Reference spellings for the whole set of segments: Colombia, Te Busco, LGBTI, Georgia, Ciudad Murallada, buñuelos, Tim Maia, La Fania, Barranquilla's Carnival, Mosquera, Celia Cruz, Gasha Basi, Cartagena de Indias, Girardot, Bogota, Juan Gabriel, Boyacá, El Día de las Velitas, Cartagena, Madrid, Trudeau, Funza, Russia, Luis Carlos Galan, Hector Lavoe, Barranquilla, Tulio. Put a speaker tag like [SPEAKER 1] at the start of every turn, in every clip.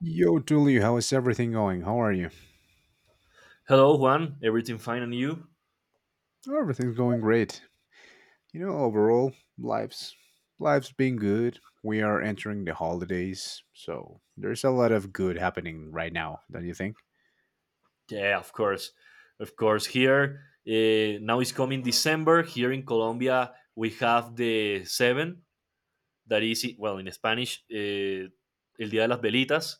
[SPEAKER 1] Yo, Tulio, how is everything going? How are you?
[SPEAKER 2] Hello, Juan. Everything fine and you?
[SPEAKER 1] Oh, everything's going great. You know, overall, life's been good. We are entering the holidays, so there's a lot of good happening right now, don't you think?
[SPEAKER 2] Yeah, of course. Of course. Here, now it's coming December. Here in Colombia, we have the seven, that is, well, in Spanish, El Día de las Velitas,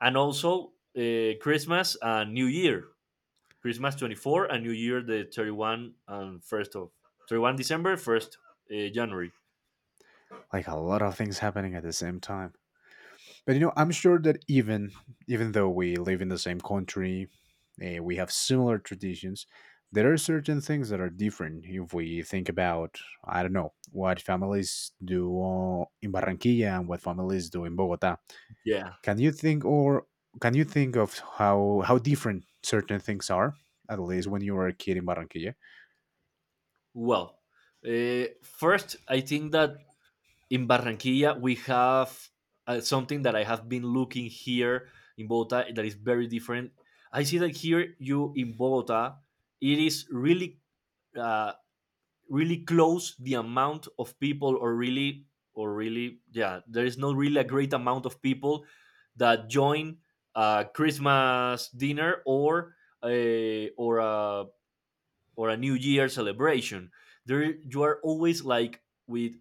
[SPEAKER 2] and also Christmas and New Year. Christmas 24 and New Year, the 31 and 1st of 31 December, 1st January.
[SPEAKER 1] Like a lot of things happening at the same time. But you know, I'm sure that even though we live in the same country, we have similar traditions. There are certain things that are different if we think about I don't know what families do in Barranquilla and what families do in Bogota.
[SPEAKER 2] Yeah.
[SPEAKER 1] Can you think or can you think of how different certain things are, at least when you were a kid in Barranquilla?
[SPEAKER 2] Well, uh, first, I think that in Barranquilla, we have something that I have been looking here in Bogota that is very different. I see that here you in Bogota, it is really, uh, really close the amount of people, or really, yeah, there is not really a great amount of people that join a Christmas dinner a or a or a New Year celebration. There, you are always like with,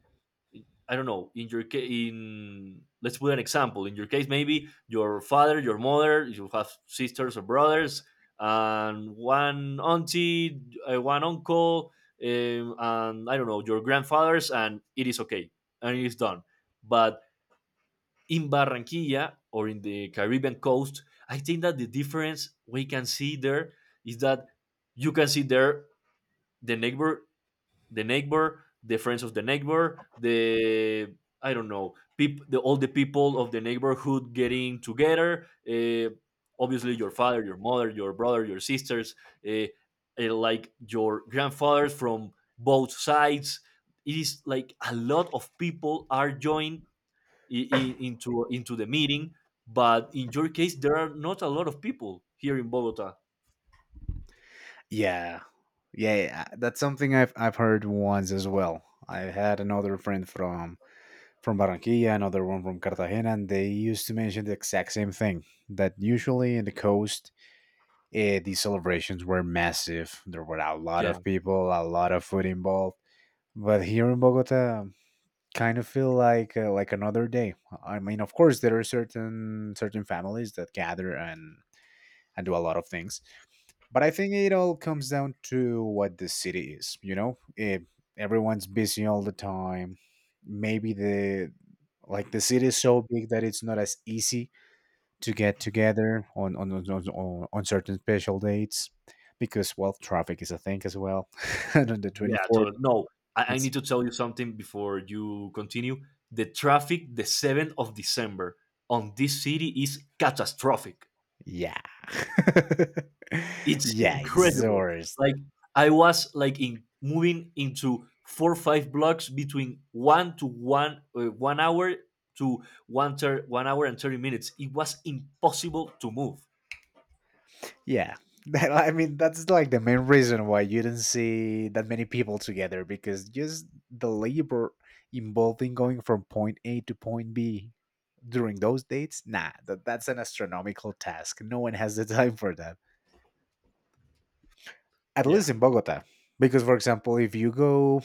[SPEAKER 2] I don't know, in your case, in let's put an example. In your case, maybe your father, your mother, you have sisters or brothers, and one auntie, one uncle, um, and I don't know, your grandfathers, and it is okay and it is done. But in Barranquilla or in the Caribbean coast, I think that the difference we can see there is that you can see there the neighbor the neighbor, the friends of the neighbor, the, I don't know, all the people of the neighborhood getting together. Obviously, your father, your mother, your brother, your sisters, uh, like your grandfathers from both sides. It is like a lot of people are joined into the meeting, but in your case, there are not a lot of people here in Bogota.
[SPEAKER 1] Yeah. Yeah, yeah, that's something I've heard once as well. I had another friend from Barranquilla, another one from Cartagena, and they used to mention the exact same thing. That usually in the coast, the celebrations were massive. There were a lot
[SPEAKER 2] Yeah.
[SPEAKER 1] of people, a lot of food involved. But here in Bogota, kind of feel like another day. I mean, of course, there are certain families that gather and do a lot of things, but I think it all comes down to what the city is. You know, if everyone's busy all the time, maybe the city is so big that it's not as easy to get together on certain special dates, because well, traffic is a thing as well and on the
[SPEAKER 2] Yeah,
[SPEAKER 1] 24th
[SPEAKER 2] totally. No, I need
[SPEAKER 1] it's
[SPEAKER 2] to tell you something before you continue. The traffic the 7th of December on this city is catastrophic.
[SPEAKER 1] Yeah.
[SPEAKER 2] It's
[SPEAKER 1] Yeah, it's the
[SPEAKER 2] incredible.
[SPEAKER 1] worst.
[SPEAKER 2] Like I was like in moving into 4 or 5 blocks between 1 hour to 1 hour and 30 minutes. It was impossible to move.
[SPEAKER 1] Yeah. I mean, that's like the main reason why you didn't see that many people together, because just the labor involved in going from point A to point B during those dates, nah, that's an astronomical task. No one has the time for that, at
[SPEAKER 2] Yeah.
[SPEAKER 1] least in Bogota. Because, for example, if you go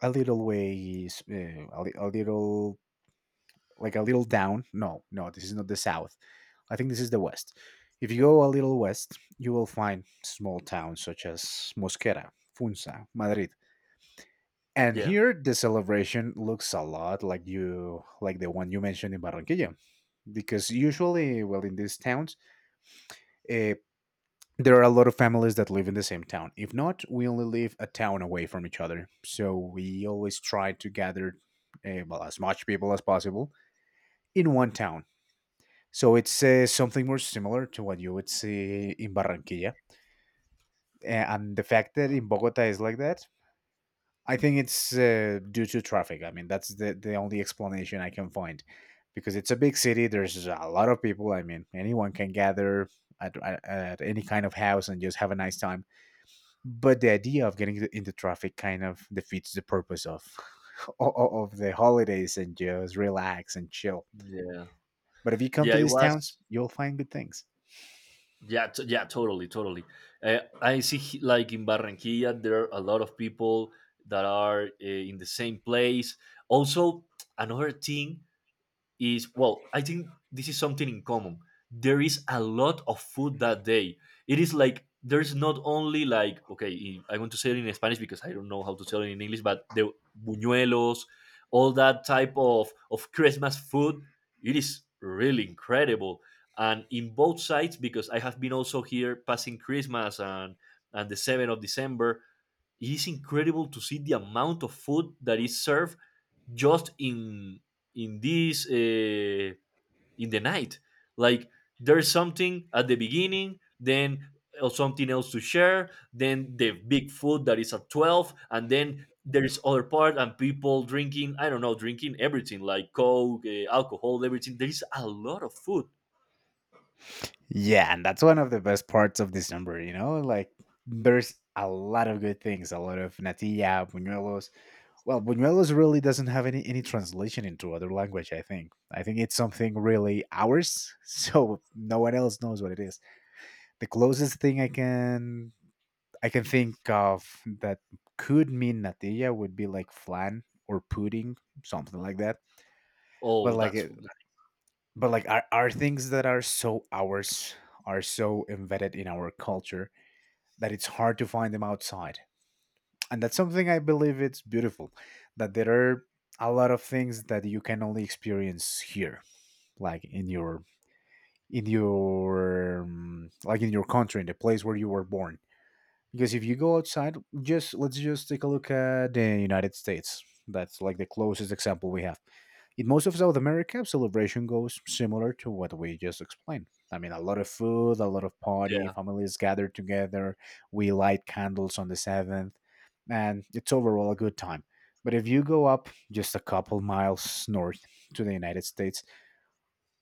[SPEAKER 1] a little ways, a, li- a little, like a little down. No, no, this is not the south. I think this is the west. If you go a little west, you will find small towns such as Mosquera, Funza, Madrid. And
[SPEAKER 2] Yeah.
[SPEAKER 1] here the celebration looks a lot like you like the one you mentioned in Barranquilla, because usually, well, in these towns, uh, there are a lot of families that live in the same town. If not, we only live a town away from each other. So we always try to gather well, as much people as possible in one town. So it's something more similar to what you would see in Barranquilla. And the fact that in Bogota is like that, I think it's due to traffic. I mean, that's the only explanation I can find, because it's a big city. There's a lot of people. I mean, anyone can gather at any kind of house and just have a nice time. But the idea of getting into traffic kind of defeats the purpose of of the holidays and just relax and chill.
[SPEAKER 2] Yeah.
[SPEAKER 1] But if you come to
[SPEAKER 2] Yeah, it
[SPEAKER 1] these towns,
[SPEAKER 2] was
[SPEAKER 1] you'll find good things.
[SPEAKER 2] Yeah, yeah, totally, totally. I see, like in Barranquilla, there are a lot of people that are in the same place. Also, another thing is, well, I think this is something in common. There is a lot of food that day. It is like there's not only like, okay, I want to say it in Spanish because I don't know how to tell it in English, but the buñuelos, all that type of Christmas food, it is really incredible. And in both sides because I have been also here passing Christmas, and the 7th of December, it is incredible to see the amount of food that is served just in this uh, in the night. Like there's something at the beginning, then something else to share, then the big food that is at 12, and then there's other part and people drinking, I don't know, drinking everything like coke, alcohol, everything. There is a lot of food.
[SPEAKER 1] Yeah, and that's one of the best parts of this number, you know? Like there's a lot of good things, a lot of natilla, buñuelos. Well, buñuelos really doesn't have any translation into other language, I think. I think it's something really ours, so no one else knows what it is. The closest thing I can think of that could mean natilla would be like flan or pudding, something like that. But
[SPEAKER 2] Oh,
[SPEAKER 1] like
[SPEAKER 2] that's
[SPEAKER 1] it. But like our things that are so ours are so embedded in our culture that it's hard to find them outside. And that's something I believe it's beautiful, that there are a lot of things that you can only experience here, like in your like in your country, in the place where you were born. Because if you go outside, just let's just take a look at the United States, that's like the closest example we have. In most of South America, celebration goes similar to what we just explained. I mean, a lot of food, a lot of party,
[SPEAKER 2] yeah,
[SPEAKER 1] families gather together, we light candles on the 7th, and it's overall a good time. But if you go up just a couple miles north to the United States,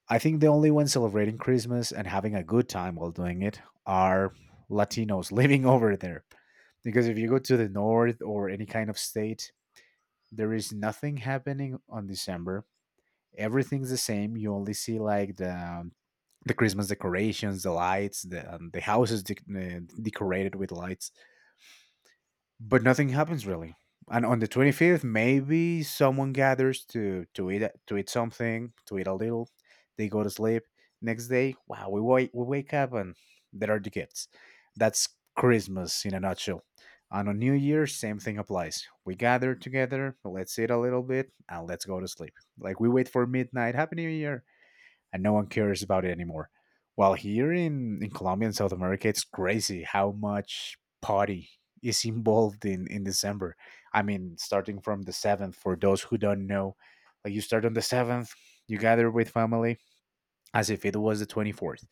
[SPEAKER 1] I think the only ones celebrating Christmas and having a good time while doing it are Latinos living over there. Because if you go to the north or any kind of state, there is nothing happening on December. Everything's the same. You only see like the Christmas decorations, the lights, the houses decorated with lights, but nothing happens really. And on the 25th, maybe someone gathers to eat something, to eat a little. They go to sleep. Next day, wow, we wake up and there are the kids. That's Christmas in a nutshell. And on New Year, same thing applies. We gather together, let's eat a little bit, and let's go to sleep. Like we wait for midnight. Happy New Year, and no one cares about it anymore. While here in Colombia and South America, it's crazy how much party is involved in December. I mean, starting from the 7th, for those who don't know, like you start on the 7th, you gather with family as if it was the 24th.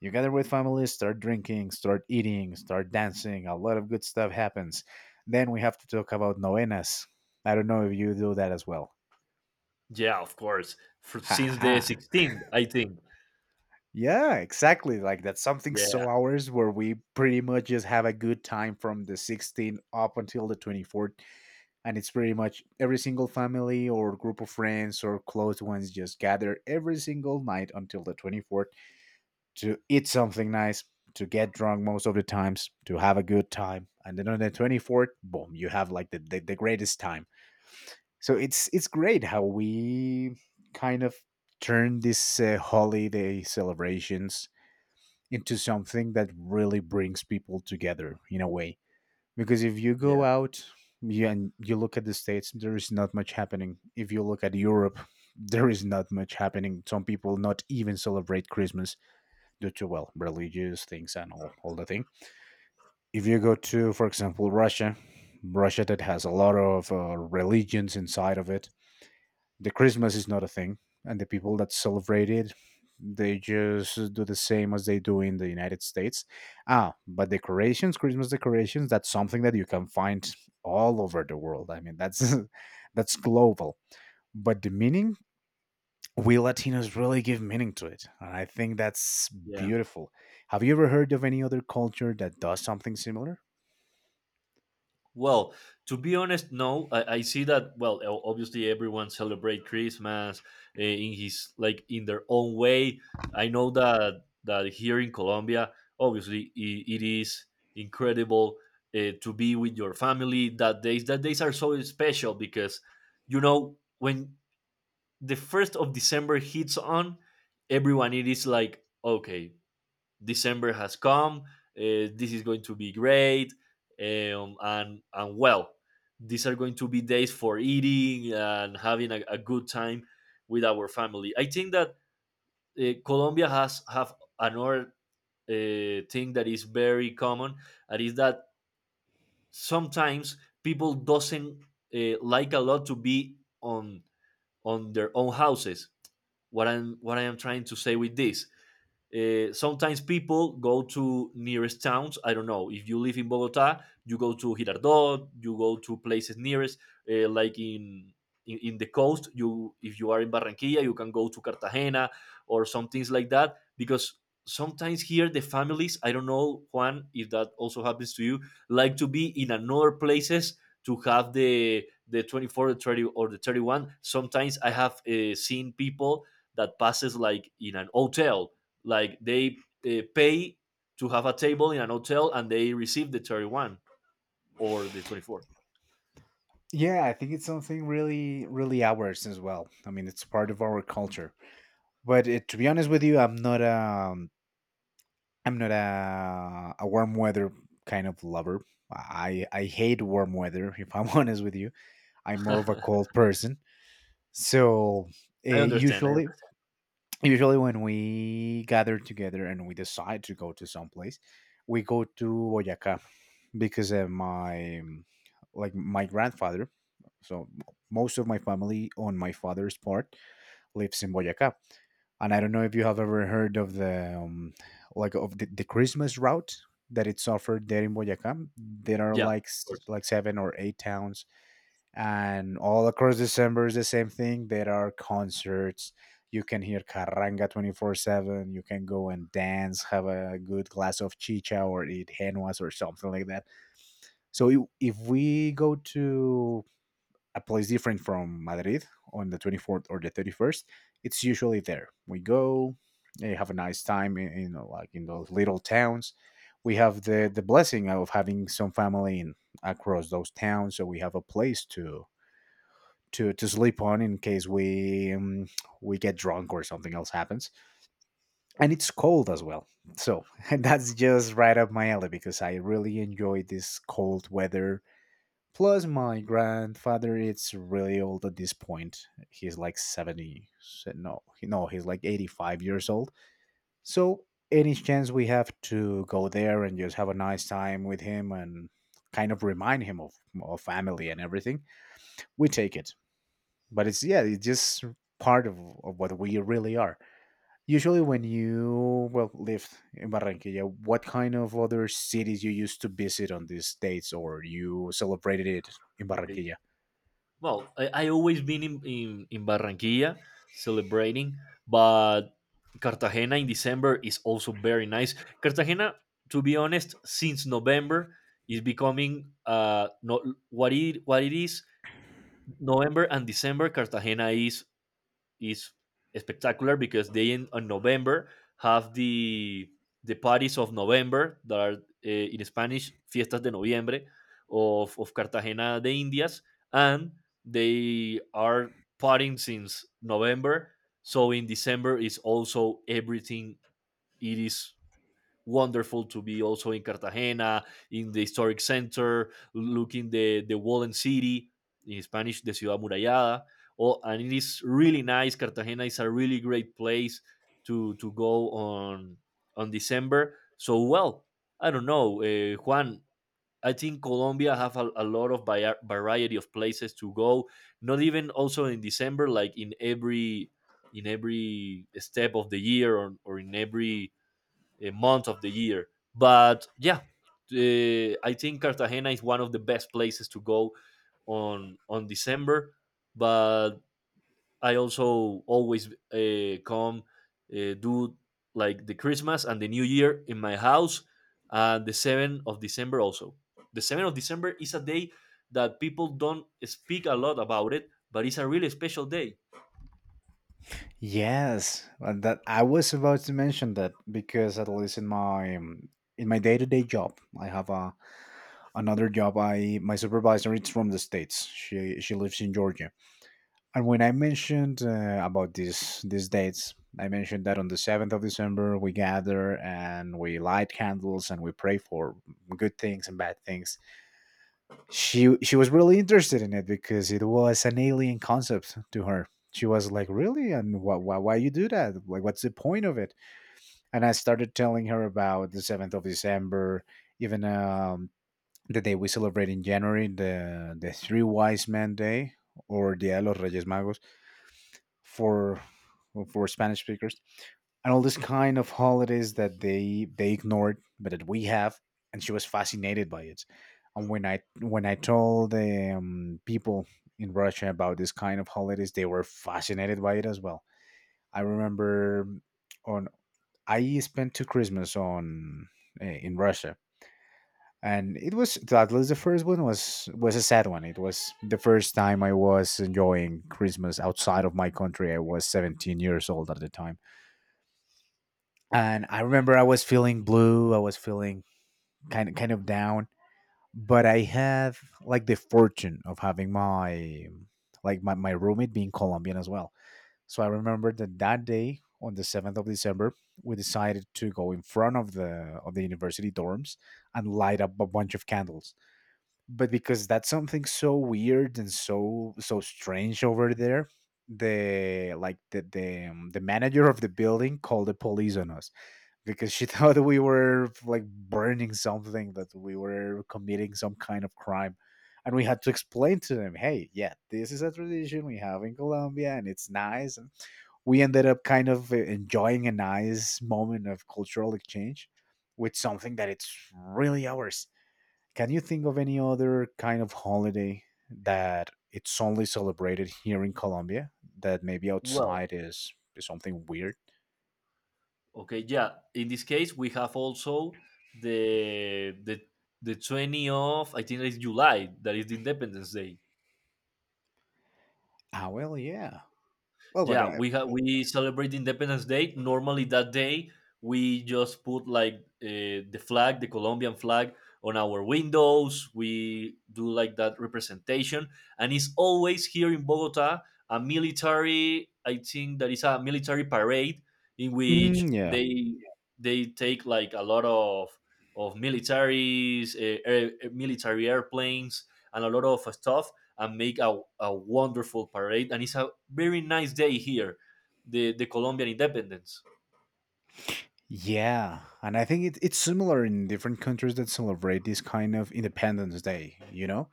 [SPEAKER 1] You gather with family, start drinking, start eating, start dancing. A lot of good stuff happens. Then we have to talk about novenas. I don't know if you do that as well.
[SPEAKER 2] yeah, of course.
[SPEAKER 1] Ha,
[SPEAKER 2] Since the
[SPEAKER 1] ha.
[SPEAKER 2] 16th, I think.
[SPEAKER 1] Yeah, exactly. Like that's something
[SPEAKER 2] Yeah,
[SPEAKER 1] so ours, where we pretty much just have a good time from the 16th up until the 24th. And it's pretty much every single family or group of friends or close ones just gather every single night until the 24th to eat something nice, to get drunk most of the times, to have a good time. And then on the 24th, boom, you have like the greatest time. So it's great how we kind of turn these holiday celebrations into something that really brings people together in a way. Because if you
[SPEAKER 2] yeah,
[SPEAKER 1] go out and you look at the States, there is not much happening. If you look at Europe, there is not much happening. Some people not even celebrate Christmas due to, well, religious things and all the thing. If you go to, for example, Russia, Russia that has a lot of religions inside of it, the Christmas is not a thing, and the people that celebrate it, they just do the same as they do in the United States. Ah, but decorations, Christmas decorations, that's something that you can find all over the world. I mean, that's that's global. But the meaning, we Latinos really give meaning to it, and I think that's
[SPEAKER 2] yeah.
[SPEAKER 1] beautiful. Have you ever heard of any other culture that does something similar?
[SPEAKER 2] Well, to be honest, no. I see that. Well, obviously, everyone celebrate Christmas, in his like in their own way. I know that here in Colombia, obviously, I it is incredible to be with your family that days. That days are so special because you know when the first of December hits on, everyone it is like, okay, December has come. This is going to be great. And well, these are going to be days for eating and having a good time with our family. I think that Colombia has have another thing that is very common, and is that sometimes people doesn't like a lot to be on their own houses. What I am trying to say with this, sometimes people go to nearest towns, I don't know, if you live in Bogota you go to Girardot, you go to places nearest, like in the coast, you if you are in Barranquilla you can go to Cartagena, or some things like that. Because sometimes here the families, I don't know, Juan, if that also happens to you, like to be in another places to have the 24, the 30, or the 31. Sometimes I have seen people that passes like in an hotel. Like they pay to have a table in an hotel and they receive the 31 or the 24.
[SPEAKER 1] Yeah, I think it's something really ours as well. I mean, it's part of our culture. But it, to be honest with you, I'm not a warm weather kind of lover. I hate warm weather. If I'm honest with you, I'm more of a cold person. So uh,
[SPEAKER 2] I understand. I
[SPEAKER 1] usually,
[SPEAKER 2] understand.
[SPEAKER 1] usually when we gather together and we decide to go to some place, we go to Boyacá, because my like my grandfather. So most of my family on my father's part lives in Boyacá. And I don't know if you have ever heard of the like of the Christmas route that it's offered there in Boyacá. There are
[SPEAKER 2] Yeah, of
[SPEAKER 1] like
[SPEAKER 2] course.
[SPEAKER 1] like seven or eight towns, and all across December is the same thing. There are concerts. You can hear carranga 24/7. You can go and dance, have a good glass of chicha, or eat henuas or something like that. So if we go to a place different from Madrid on the 24th or the 31st, it's usually there. We go, have a nice time in like in those little towns. We have the blessing of having some family in, across those towns, so we have a place to to sleep on in case we get drunk or something else happens. And it's cold as well, so that's just right up my alley, because I really enjoy this cold weather. Plus, my grandfather it's really old at this point. He's like 70. He- no, he's like 85 years old. So, any chance we have to go there and just have a nice time with him and kind of remind him of family and everything, we take it. But it's, yeah, it's just part of what we really are. Usually, when you, well, lived in Barranquilla, what kind of other cities you used to visit on these dates or you celebrated it in
[SPEAKER 2] Okay.
[SPEAKER 1] Barranquilla?
[SPEAKER 2] Well, I always been in Barranquilla celebrating, but Cartagena in December is also very nice. Cartagena, to be honest, since November is becoming, no, what it is. November and December, Cartagena is spectacular because they in on November have the parties of November that are, in Spanish, fiestas de noviembre of Cartagena de Indias, and they are partying since November, so in December is also everything. It is wonderful to be also in Cartagena, in the historic center, looking the Wallen City, in Spanish, the Ciudad Murallada. Oh, and it is really nice. Cartagena is a really great place to go on December. So, well, I don't know, Juan. I think Colombia have a lot of variety of places to go. Not even also in December, like in every step of the year, or in every month of the year. But yeah, I think Cartagena is one of the best places to go on December. But I also always come do like the Christmas and the New Year in my house, and the seventh of December also. The seventh of December is a day that people don't speak a lot about it, but it's a really special day.
[SPEAKER 1] Yes, and that I was about to mention that because at least in my day-to-day job, I have a another job. I my supervisor is from the states. She lives in Georgia, and when I mentioned about these dates, I mentioned that on the 7th of December we gather and we light candles and we pray for good things and bad things she was really interested in it because it was an alien concept to her. She was like, really? And why you do that, like what's the point of it? And I started telling her about the 7th of December, even the day we celebrate in January, the three wise men day or dia de los reyes magos for for Spanish speakers, and all this kind of holidays that they ignored, but that we have, and she was fascinated by it. And when I told people in Russia about this kind of holidays, they were fascinated by it as well. I remember on I spent two Christmas on in Russia, and it was, at least the first one was a sad one. It was the first time I was enjoying Christmas outside of my country. I was 17 years old at the time, and I remember I was feeling blue, I was feeling kind of down. But I had like the fortune of having my like my roommate being Colombian as well. So I remember that that day on the 7th of December, we decided to go in front of the university dorms and light up a bunch of candles. But because that's something so weird and so strange over there, the like the manager of the building called the police on us because she thought we were like burning something, that we were committing some kind of crime. And we had to explain to them, hey, yeah, this is a tradition we have in Colombia and it's nice. And we ended up kind of enjoying a nice moment of cultural exchange with something that it's really ours. Can you think of any other kind of holiday that it's only celebrated here in Colombia that maybe
[SPEAKER 2] Well,
[SPEAKER 1] outside is something weird?
[SPEAKER 2] okay, yeah. In this case, we have also the the the 20 of, I think it's July, that is the Independence Day.
[SPEAKER 1] Ah, well, yeah. Well, but
[SPEAKER 2] Yeah, we celebrate Independence Day. Normally that day we just put like, the flag, the Colombian flag, on our windows. We do like that representation, and it's always here in Bogota a military, I think that is a military parade in which
[SPEAKER 1] mm, yeah,
[SPEAKER 2] they take like a lot of militaries, military airplanes and a lot of stuff, and make a wonderful parade. And it's a very nice day here, the Colombian independence.
[SPEAKER 1] yeah, and I think it, it's similar in different countries that celebrate this kind of Independence Day. You know,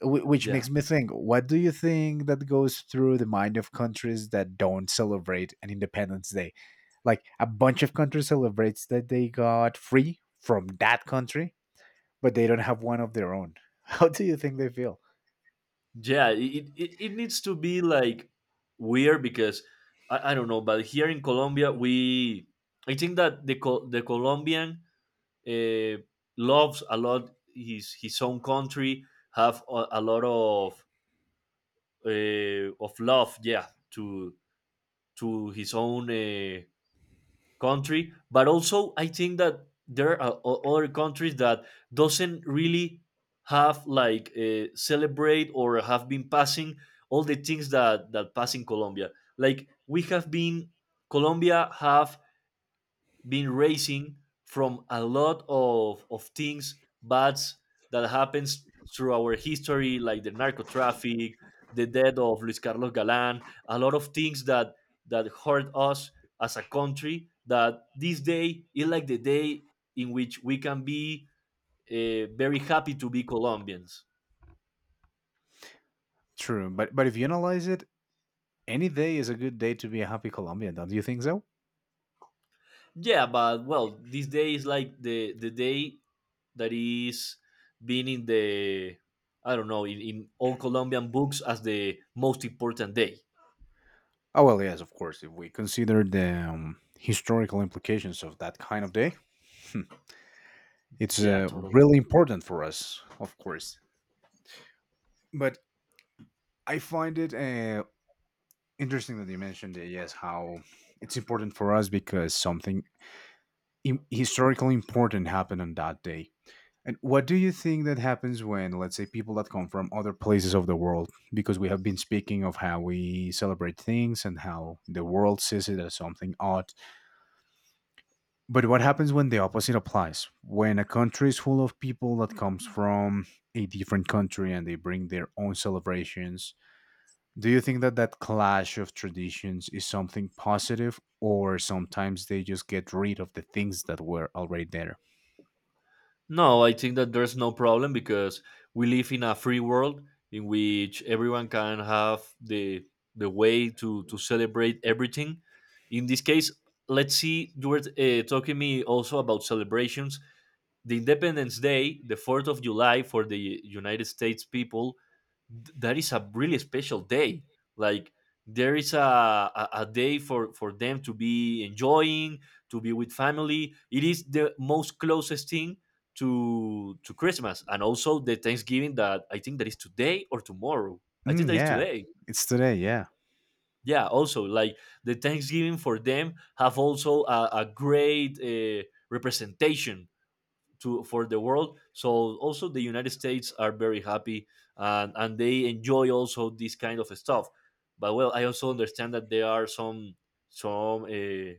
[SPEAKER 1] wh- which
[SPEAKER 2] Yeah.
[SPEAKER 1] makes me think: what do you think that goes through the mind of countries that don't celebrate an Independence Day? Like a bunch of countries celebrates that they got free from that country, but they don't have one of their own. How do you think they feel?
[SPEAKER 2] Yeah. It needs to be like weird because I don't know, but here in Colombia, I think that the Colombian, uh, loves a lot his, own country, have a lot of love, yeah, to his own country. But also I think that there are other countries that doesn't really have like, celebrate or have been passing all the things that pass in Colombia, like we have been Colombia have been raising from a lot of things bad that happens through our history, like the narco traffic, the death of Luis Carlos galan a lot of things that hurt us as a country, that this day is like the day in which we can be, very happy to be Colombians.
[SPEAKER 1] True, but if you analyze it, any day is a good day to be a happy Colombian. Don't you think so?
[SPEAKER 2] Yeah, but well, this day is like the day that is being in the I don't know, in all Colombian books as the most important day.
[SPEAKER 1] Oh well, yes, of course. If we consider the historical implications of that kind of day, hmm, it's
[SPEAKER 2] Yeah, totally.
[SPEAKER 1] really important for us, of course. But I find it interesting that you mentioned it. Yes, how it's important for us because something historically important happened on that day. And what do you think that happens when, let's say, people that come from other places of the world, because we have been speaking of how we celebrate things and how the world sees it as something odd. But what happens when the opposite applies? When a country is full of people that comes from a different country and they bring their own celebrations, do you think that that clash of traditions is something positive, or sometimes they just get rid of the things that were already there?
[SPEAKER 2] No, I think that there's no problem because we live in a free world in which everyone can have the way to celebrate everything. In this case, let's see. You were talking me also about celebrations. The Independence Day, the Fourth of July for the United States people, that is a really special day. Like there is a day for them to be enjoying to be with family. It is the most closest thing to Christmas, and also the Thanksgiving, that I think that is today or tomorrow. I think
[SPEAKER 1] Mm,
[SPEAKER 2] that is
[SPEAKER 1] yeah,
[SPEAKER 2] today.
[SPEAKER 1] it's today. Yeah,
[SPEAKER 2] Yeah, also like the Thanksgiving for them have also a great representation to for the world. So, also the United States are very happy, and they enjoy also this kind of stuff. But well, I also understand that there are some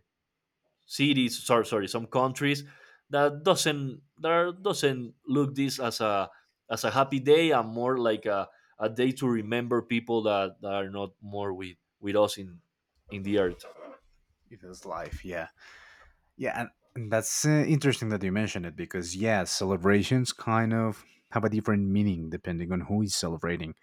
[SPEAKER 2] cities sorry sorry some countries that doesn't look this as a happy day, and more like a day to remember people that are not more with us in the earth.
[SPEAKER 1] it is life. Yeah. Yeah, and that's interesting that you mentioned it because yeah, celebrations kind of have a different meaning depending on who is celebrating.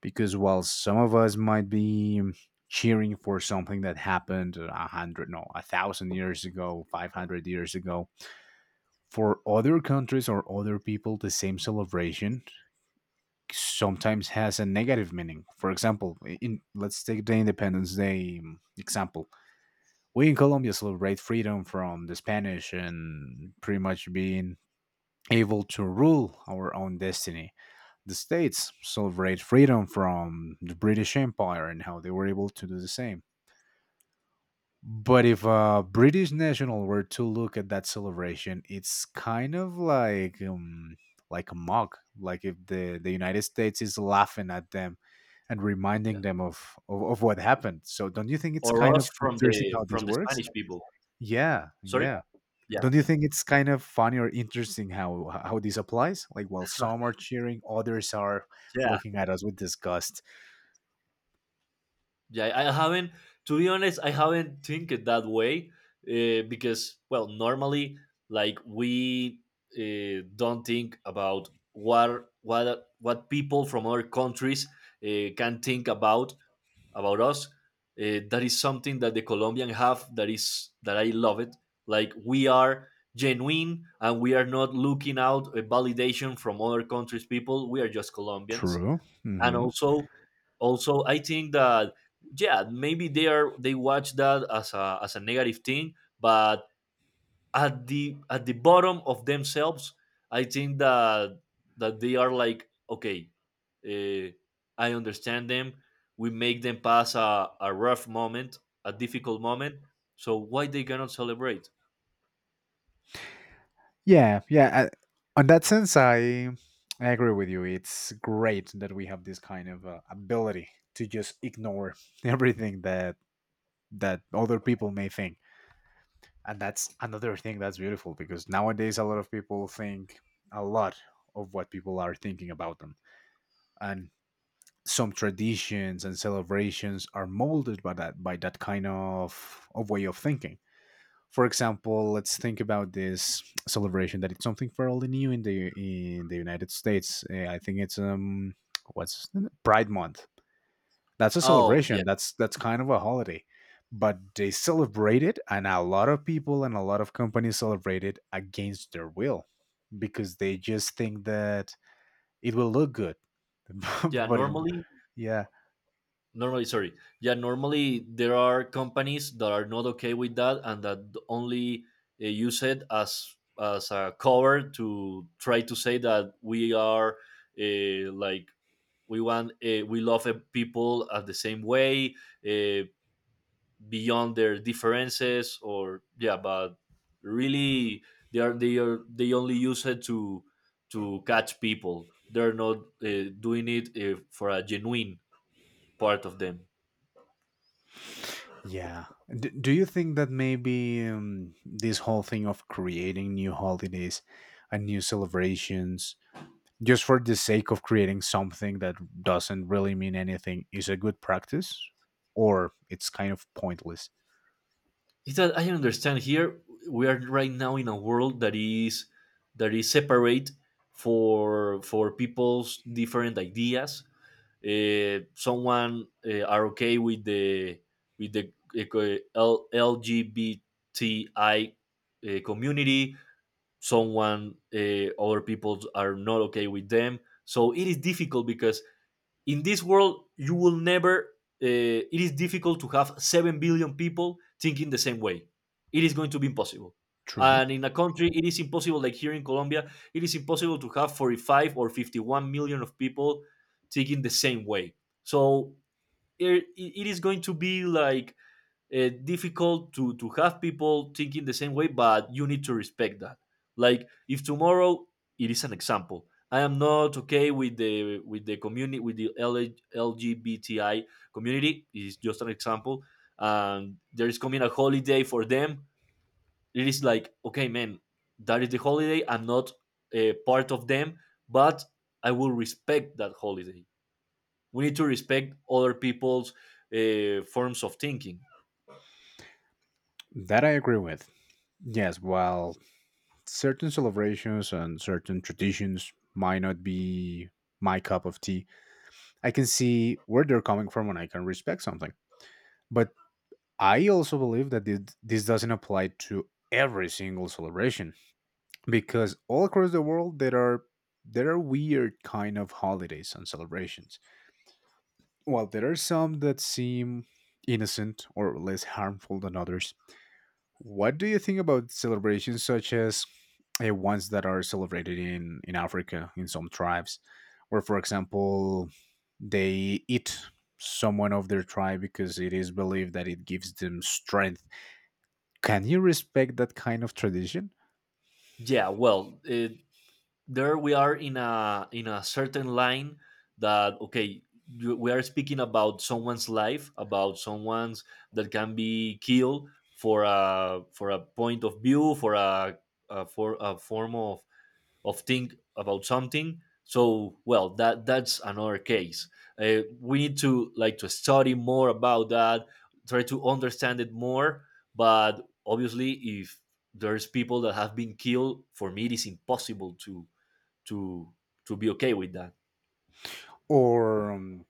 [SPEAKER 1] Because while some of us might be cheering for something that happened a hundred, no, a thousand years ago, 500 years ago, for other countries or other people, the same celebration sometimes has a negative meaning. For example, in let's take the Independence Day example, we in Colombia celebrate freedom from the Spanish and pretty much being able to rule our own destiny. The states celebrate freedom from the British Empire and how they were able to do the same. But if a British national were to look at that celebration, it's kind of like a mock. Like if the United States is laughing at them and
[SPEAKER 2] Yeah,
[SPEAKER 1] reminding them of, of what happened. So don't you think it's
[SPEAKER 2] or
[SPEAKER 1] kind
[SPEAKER 2] us
[SPEAKER 1] of
[SPEAKER 2] from
[SPEAKER 1] interesting
[SPEAKER 2] the
[SPEAKER 1] how this
[SPEAKER 2] from the
[SPEAKER 1] works?
[SPEAKER 2] Spanish people,
[SPEAKER 1] Yeah,
[SPEAKER 2] sorry.
[SPEAKER 1] yeah.
[SPEAKER 2] Yeah,
[SPEAKER 1] Don't you
[SPEAKER 2] yeah,
[SPEAKER 1] think it's kind of funny or interesting how this applies? Like, while some are cheering, others are
[SPEAKER 2] yeah.
[SPEAKER 1] looking at us with disgust.
[SPEAKER 2] Yeah, I haven't. To be honest, I haven't think it that way, because, well, normally, like we, don't think about what people from other countries, can think about us. That is something that the Colombian have. That is that I love it. Like we are genuine and we are not looking out a validation from other countries' people. We are just Colombians,
[SPEAKER 1] True.
[SPEAKER 2] and
[SPEAKER 1] Hmm.
[SPEAKER 2] also I think that, yeah, maybe they watch that as a negative thing, but at the bottom of themselves I think that they are like, okay, uh, I understand them. We make them pass a rough moment, a difficult moment. So why they cannot celebrate?
[SPEAKER 1] Yeah, yeah. I, on that sense, I agree with you. It's great that we have this kind of ability to just ignore everything that that other people may think, and that's another thing that's beautiful because nowadays a lot of people think a lot of what people are thinking about them, and some traditions and celebrations are molded by that kind of way of thinking. For example, let's think about this celebration that it's something fairly new in the United States. I think it's what's the- Pride Month. That's a
[SPEAKER 2] Oh yeah.
[SPEAKER 1] celebration. That's kind of a holiday. But they celebrate it and a lot of people and a lot of companies celebrate it against their will because they just think that it will look good.
[SPEAKER 2] Yeah,
[SPEAKER 1] But it,
[SPEAKER 2] normally,
[SPEAKER 1] yeah.
[SPEAKER 2] sorry, yeah, normally there are companies that are not okay with that, and that only use it as a cover to try to say that we are, like, we want, we love, people at the same way, uh, beyond their differences. Or yeah, but really, they are they only use it to catch people. They're not doing it for a genuine part of them.
[SPEAKER 1] Yeah. Do you think that maybe this whole thing of creating new holidays and new celebrations just for the sake of creating something that doesn't really mean anything is a good practice? Or it's kind of pointless?
[SPEAKER 2] It's that I understand, here we are right now in a world that is separate for people's different ideas. Someone, are okay with the LGBTI community. Someone, other people are not okay with them. So it is difficult because in this world you will never, it is difficult to have 7 billion people thinking the same way. It is going to be impossible.
[SPEAKER 1] True.
[SPEAKER 2] And in a country it is impossible, like here in Colombia it is impossible to have 45 or 51 million of people thinking the same way, so it is going to be like, difficult to have people thinking the same way, but you need to respect that. Like, if tomorrow — it is an example — I am not okay with the community, with the LA LGBTI community. It is just an example. And there is coming a holiday for them. It is like, okay man, that is the holiday. I'm not a part of them, but I will respect that holiday. We need to respect other people's, forms of thinking.
[SPEAKER 1] That I agree with. Yes, while certain celebrations and certain traditions might not be my cup of tea, I can see where they're coming from and I can respect something. But I also believe that this doesn't apply to every single celebration because all across the world there are weird kind of holidays and celebrations. While there are some that seem innocent or less harmful than others, what do you think about celebrations such as ones that are celebrated in Africa in some tribes, where for example they eat someone of their tribe because it is believed that it gives them strength. Can you respect that kind of tradition?
[SPEAKER 2] Yeah, well, there we are in a certain line. That, okay, we are speaking about someone's life, about someone's that can be killed for a point of view, for a form of think about something, so well, that's another case. We need to, like, to study more about that, try to understand it more. But obviously, if there's people that have been killed, for me it is impossible to to to be okay with that.
[SPEAKER 1] Or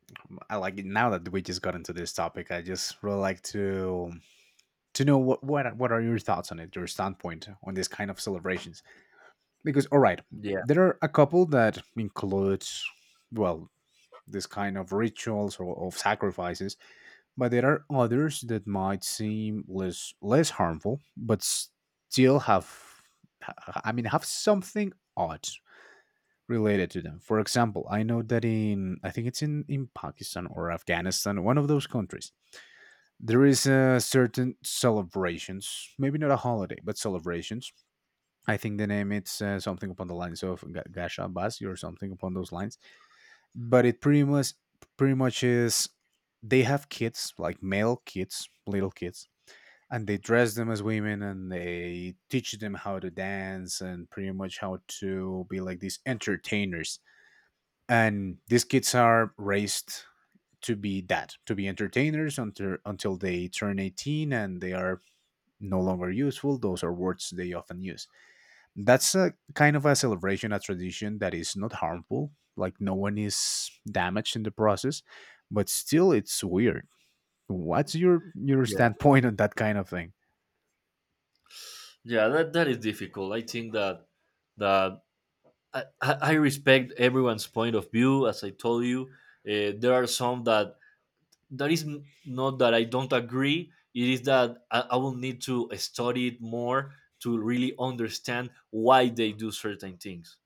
[SPEAKER 1] I like it. Now that we just got into this topic, I just really like to know what what are your thoughts on it, your standpoint on this kind of celebrations? Because all right,
[SPEAKER 2] Yeah,
[SPEAKER 1] there are a couple that includes well this kind of rituals or of sacrifices, but there are others that might seem less less harmful, but still have I mean have something odd related to them. For example, I know that in I think it's in Pakistan or Afghanistan, one of those countries, there is a certain celebrations, maybe not a holiday, but celebrations. I think the name it's something upon the lines of Gasha Basi or something upon those lines. But it pretty much pretty much is they have kids like male kids, little kids. And they dress them as women and they teach them how to dance and pretty much how to be like these entertainers, and these kids are raised to be that, to be entertainers until they turn 18 and they are no longer useful, those are words they often use. That's a kind of a celebration, a tradition that is not harmful, like no one is damaged in the process, but still it's weird. What's your
[SPEAKER 2] yeah,
[SPEAKER 1] standpoint on that kind of thing?
[SPEAKER 2] yeah, that is difficult. I think that I respect everyone's point of view, as I told you. There are some that is not that I don't agree. It is that I will need to study it more to really understand why they do certain things.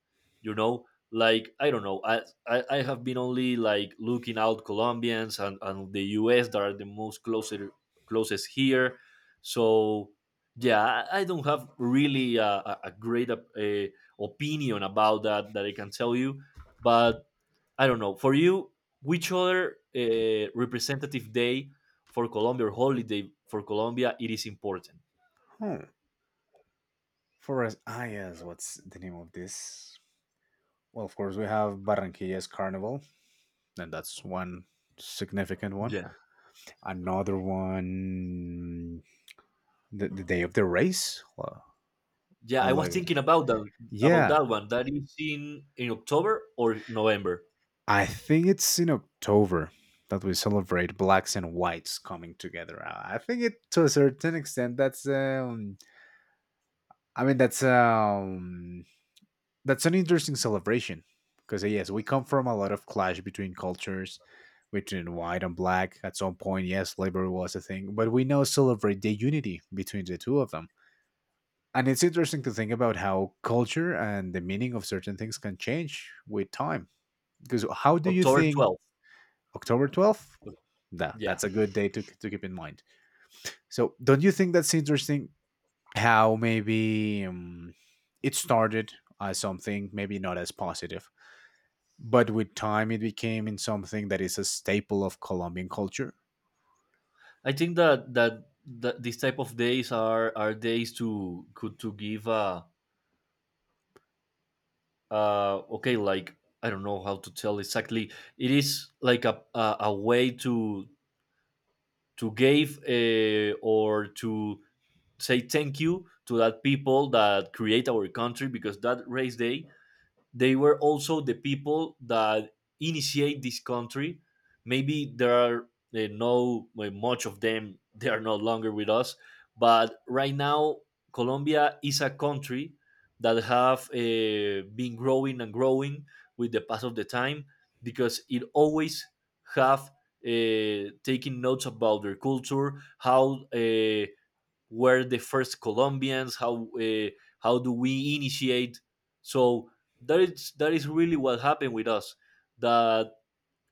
[SPEAKER 2] You know, like, I don't know. I have been only, like, looking out Colombians and, the US that are the most closer closest here. So yeah, I don't have really a great opinion about that I can tell you. But I don't know. For you, which other representative day for Colombia or holiday for Colombia it is important?
[SPEAKER 1] Hmm. For us, ah yes, what's the name of this? Well, of course we have Barranquilla's carnival, and that's one significant one.
[SPEAKER 2] Yeah.
[SPEAKER 1] Another one, the day of the race,
[SPEAKER 2] Yeah,
[SPEAKER 1] or
[SPEAKER 2] I was
[SPEAKER 1] like
[SPEAKER 2] thinking about
[SPEAKER 1] yeah
[SPEAKER 2] that one. That is in October or November.
[SPEAKER 1] I think it's in October that we celebrate blacks and whites coming together. I think it to a certain extent that's I mean that's an interesting celebration because yes we come from a lot of clash between cultures between white and black. At some point yes, slavery was a thing, but we now celebrate the unity between the two of them. And it's interesting to think about how culture and the meaning of certain things can change with time. Because how do you
[SPEAKER 2] October
[SPEAKER 1] think
[SPEAKER 2] twelfth.
[SPEAKER 1] October 12th? That,
[SPEAKER 2] Yeah,
[SPEAKER 1] that's a good day to keep in mind. So, don't you think that's interesting how maybe it started as something maybe not as positive, but with time it became in something that is a staple of Colombian culture?
[SPEAKER 2] I think that these type of days are days to, could to give, uh okay, like, I don't know how to tell exactly. It is like a way to give, or to say thank you to that people that create our country, because that race day, they were also the people that initiate this country. Maybe there are, no, well, much of them they are no longer with us, but right now Colombia is a country that have been growing and growing with the pass of the time, because it always have taking notes about their culture. How were the first Colombians? How do we initiate? So that is really what happened with us. That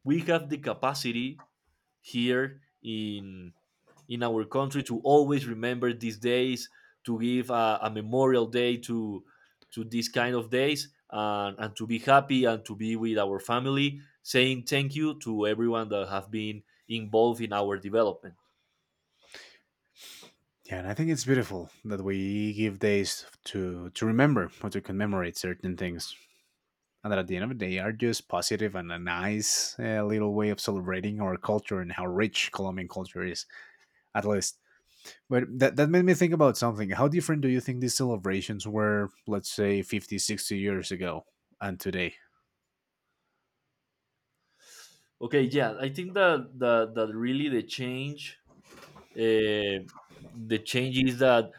[SPEAKER 2] we have the capacity here in our country to always remember these days, to give a memorial day to these kind of days, and to be happy and to be with our family, saying thank you to everyone that have been involved in our development.
[SPEAKER 1] Yeah, and I think it's beautiful that we give days to remember or to commemorate certain things, and that at the end of the day are just positive and a nice little way of celebrating our culture and how rich Colombian culture is, at least. But that made me think about something. How different do you think these celebrations were, let's say, 50, 60 years ago and today?
[SPEAKER 2] Okay, yeah, I think that really the change, uh, is that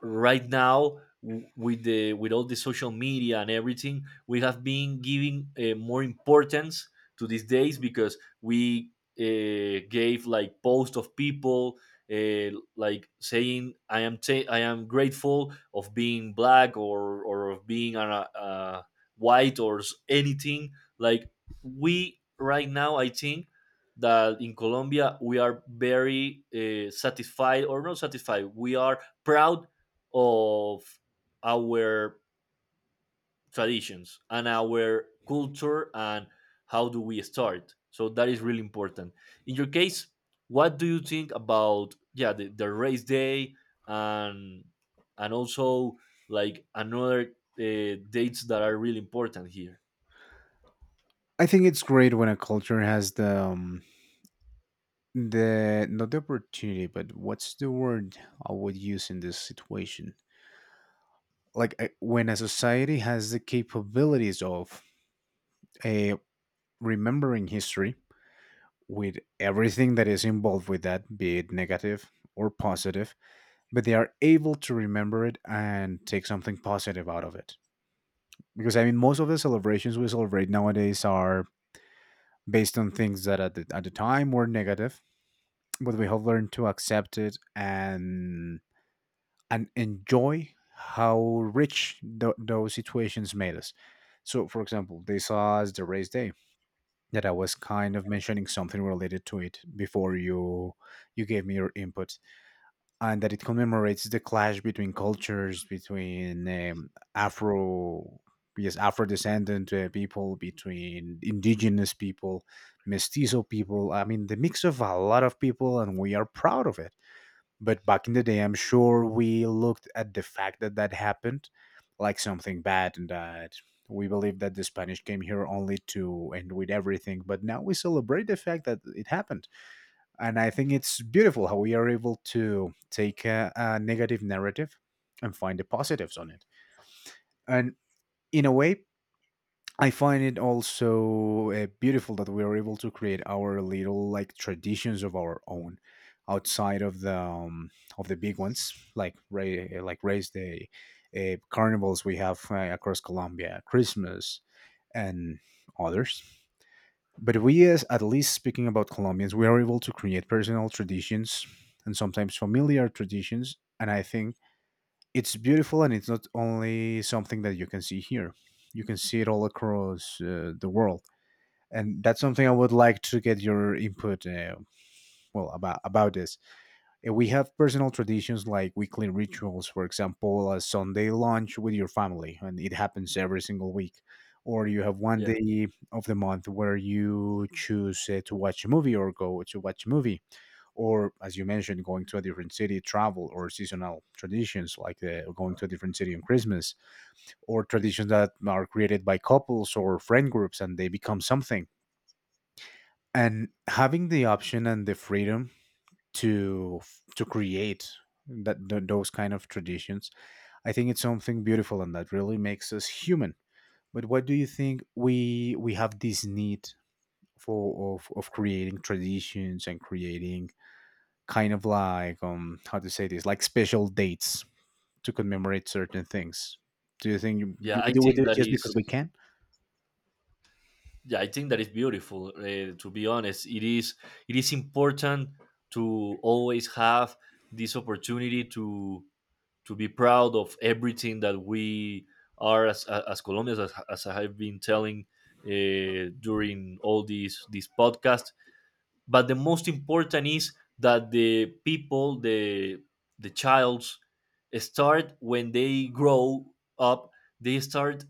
[SPEAKER 2] right now, with the with all the social media and everything, we have been giving, more importance to these days, because we, gave, like, posts of people, uh, like, saying I am grateful of being black or of being, white, or anything. Like, we right now I think that in Colombia we are very, satisfied, or not satisfied. We are proud of our traditions and our culture and how do we start. So that is really important. In your case, what do you think about, yeah, the race day, and also, like, another dates that are really important here?
[SPEAKER 1] I think it's great when a culture has the the not the opportunity but what's the word I would use in this situation like when a society has the capabilities of uh, remembering history with everything that is involved with that, be it negative or positive, but they are able to remember it and take something positive out of it because I mean most of the celebrations we celebrate nowadays are based on things that at the time were negative but we have learned to accept it and enjoy how rich those situations made us. So, for example, they saw us the race day that I was kind of mentioning something related to it before you gave me your input, and that it commemorates the clash between cultures, between Afro yes Afro descendant people, between indigenous people, mestizo people. I mean, the mix of a lot of people, and we are proud of it but back in the day I'm sure we looked at the fact that that happened like something bad, and that we believe that the Spanish came here only to end with everything, but now we celebrate the fact that it happened. And I think it's beautiful how we are able to take a negative narrative and find the positives on it and, in a way, I find it also beautiful that we are able to create our little like traditions of our own outside of the of the big ones like like race day, carnivals we have across Colombia, Christmas, and others. But we, as at least speaking about Colombians, we are able to create personal traditions and sometimes familiar traditions, and I think it's beautiful and it's not only something that you can see here, you can see it all across the world. And that's something I would like to get your input well about this. We have personal traditions like weekly rituals, for example a Sunday lunch with your family and it happens every single week, or you have one
[SPEAKER 2] Yeah,
[SPEAKER 1] day of the month where you choose to watch a movie or go to watch a movie, or as you mentioned going to a different city travel, or seasonal traditions like going to a different city on Christmas, or traditions that are created by couples or friend groups and they become something. And having the option and the freedom to to create those kind of traditions, I think it's something beautiful and that really makes us human. But what do you think, we have this need for of creating traditions and creating kind of like how to say this, like special dates to commemorate certain things? Do you think
[SPEAKER 2] yeah,
[SPEAKER 1] we do, we do it just because we can?
[SPEAKER 2] I think that is beautiful. To be honest, it is important to always have this opportunity to be proud of everything that we are as, Colombians, as I have been telling during all these this podcast. But the most important is that the people, the, childs start, when they grow up they start,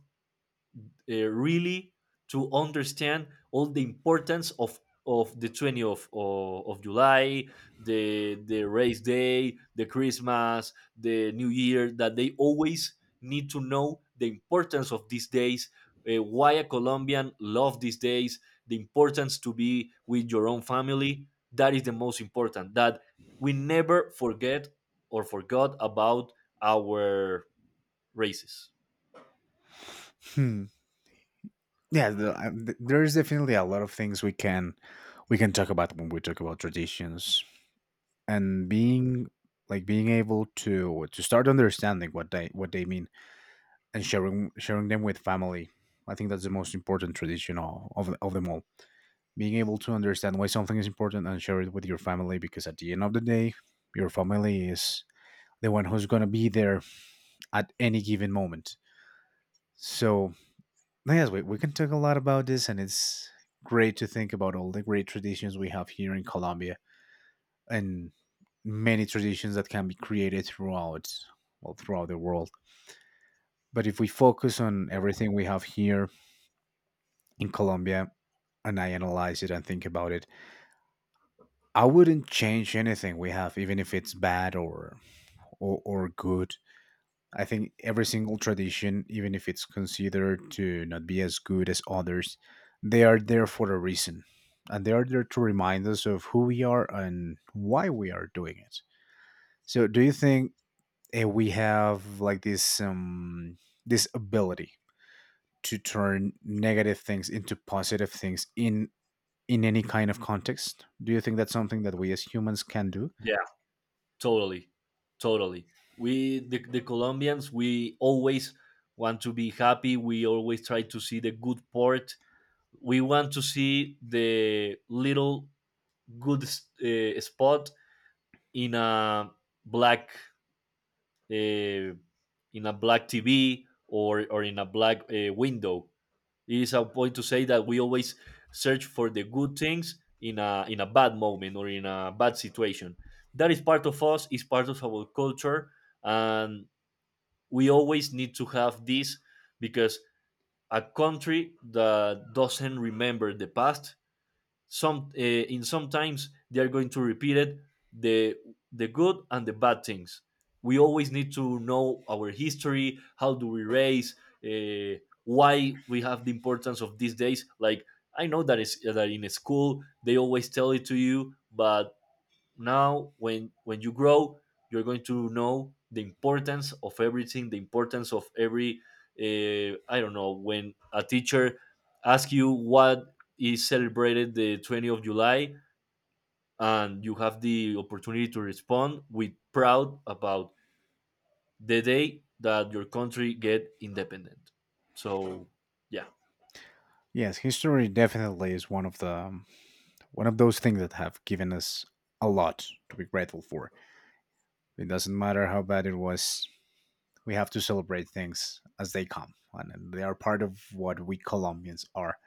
[SPEAKER 2] really, to understand all the importance of the 20th of, July, the race day, the Christmas, the New Year, that they always need to know the importance of these days, why a Colombian love these days, the importance to be with your own family. That is the most important. That we never forget or forgot about our races.
[SPEAKER 1] Hmm. Yeah, there's definitely a lot of things we can talk about when we talk about traditions and being like being able to start understanding what they mean and sharing them with family. I think that's the most important tradition of them all, being able to understand why something is important and share it with your family, because at the end of the day your family is the one who's going to be there at any given moment. So yes, we can talk a lot about this, and it's great to think about all the great traditions we have here in Colombia and many traditions that can be created throughout, well, throughout the world. But if we focus on everything we have here in Colombia and I analyze it and think about it, I wouldn't change anything we have, even if it's bad or or good. I think every single tradition, even if it's considered to not be as good as others, they are there for a reason. And they are there to remind us of who we are and why we are doing it. So, do you think we have like this this ability to turn negative things into positive things in any kind of context? Do you think that's something that we as humans can do?
[SPEAKER 2] Yeah. Totally, totally, we, the Colombians, we always want to be happy. We always try to see the good part. We want to see the little good, spot, in a black, uh, TV, or in a black, window. It's a point to say that we always search for the good things in a bad moment, or in a bad situation. That is part of us. Is part of our culture, and we always need to have this, because a country that doesn't remember the past, some in sometimes they are going to repeat it, the the good and the bad things. We always need to know our history, how do we raise, uh, why we have the importance of these days, like, I know that is that in school they always tell it to you, but now, when you grow, you're going to know the importance of everything, the importance of every, I don't know, when a teacher asks you what is celebrated the 20th of July, and you have the opportunity to respond with proud about the day that your country get independent. So yeah.
[SPEAKER 1] Yes, history definitely is one of the one of those things that have given us a lot to be grateful for. It doesn't matter how bad it was, we have to celebrate things as they come, and they are part of what we Colombians are.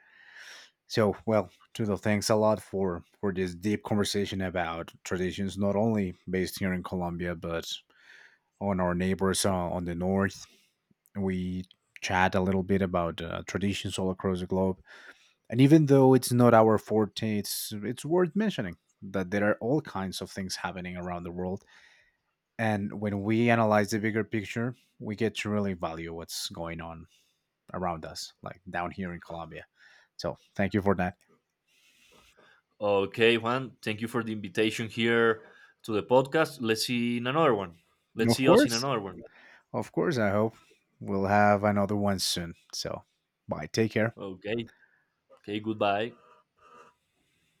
[SPEAKER 1] So, well, Trudeau, thanks a lot for this deep conversation about traditions, not only based here in Colombia, but on our neighbors on the north. We chat a little bit about traditions all across the globe. And even though it's not our forte, it's worth mentioning that there are all kinds of things happening around the world. And when we analyze the bigger picture, we get to really value what's going on around us, like down here in Colombia. So thank you for that.
[SPEAKER 2] Okay Juan, thank you for the invitation here to the podcast. Let's
[SPEAKER 1] Of
[SPEAKER 2] see us in
[SPEAKER 1] course.
[SPEAKER 2] another one.
[SPEAKER 1] Of course, I hope we'll have another one soon. So bye. Take care.
[SPEAKER 2] Okay. Okay, goodbye.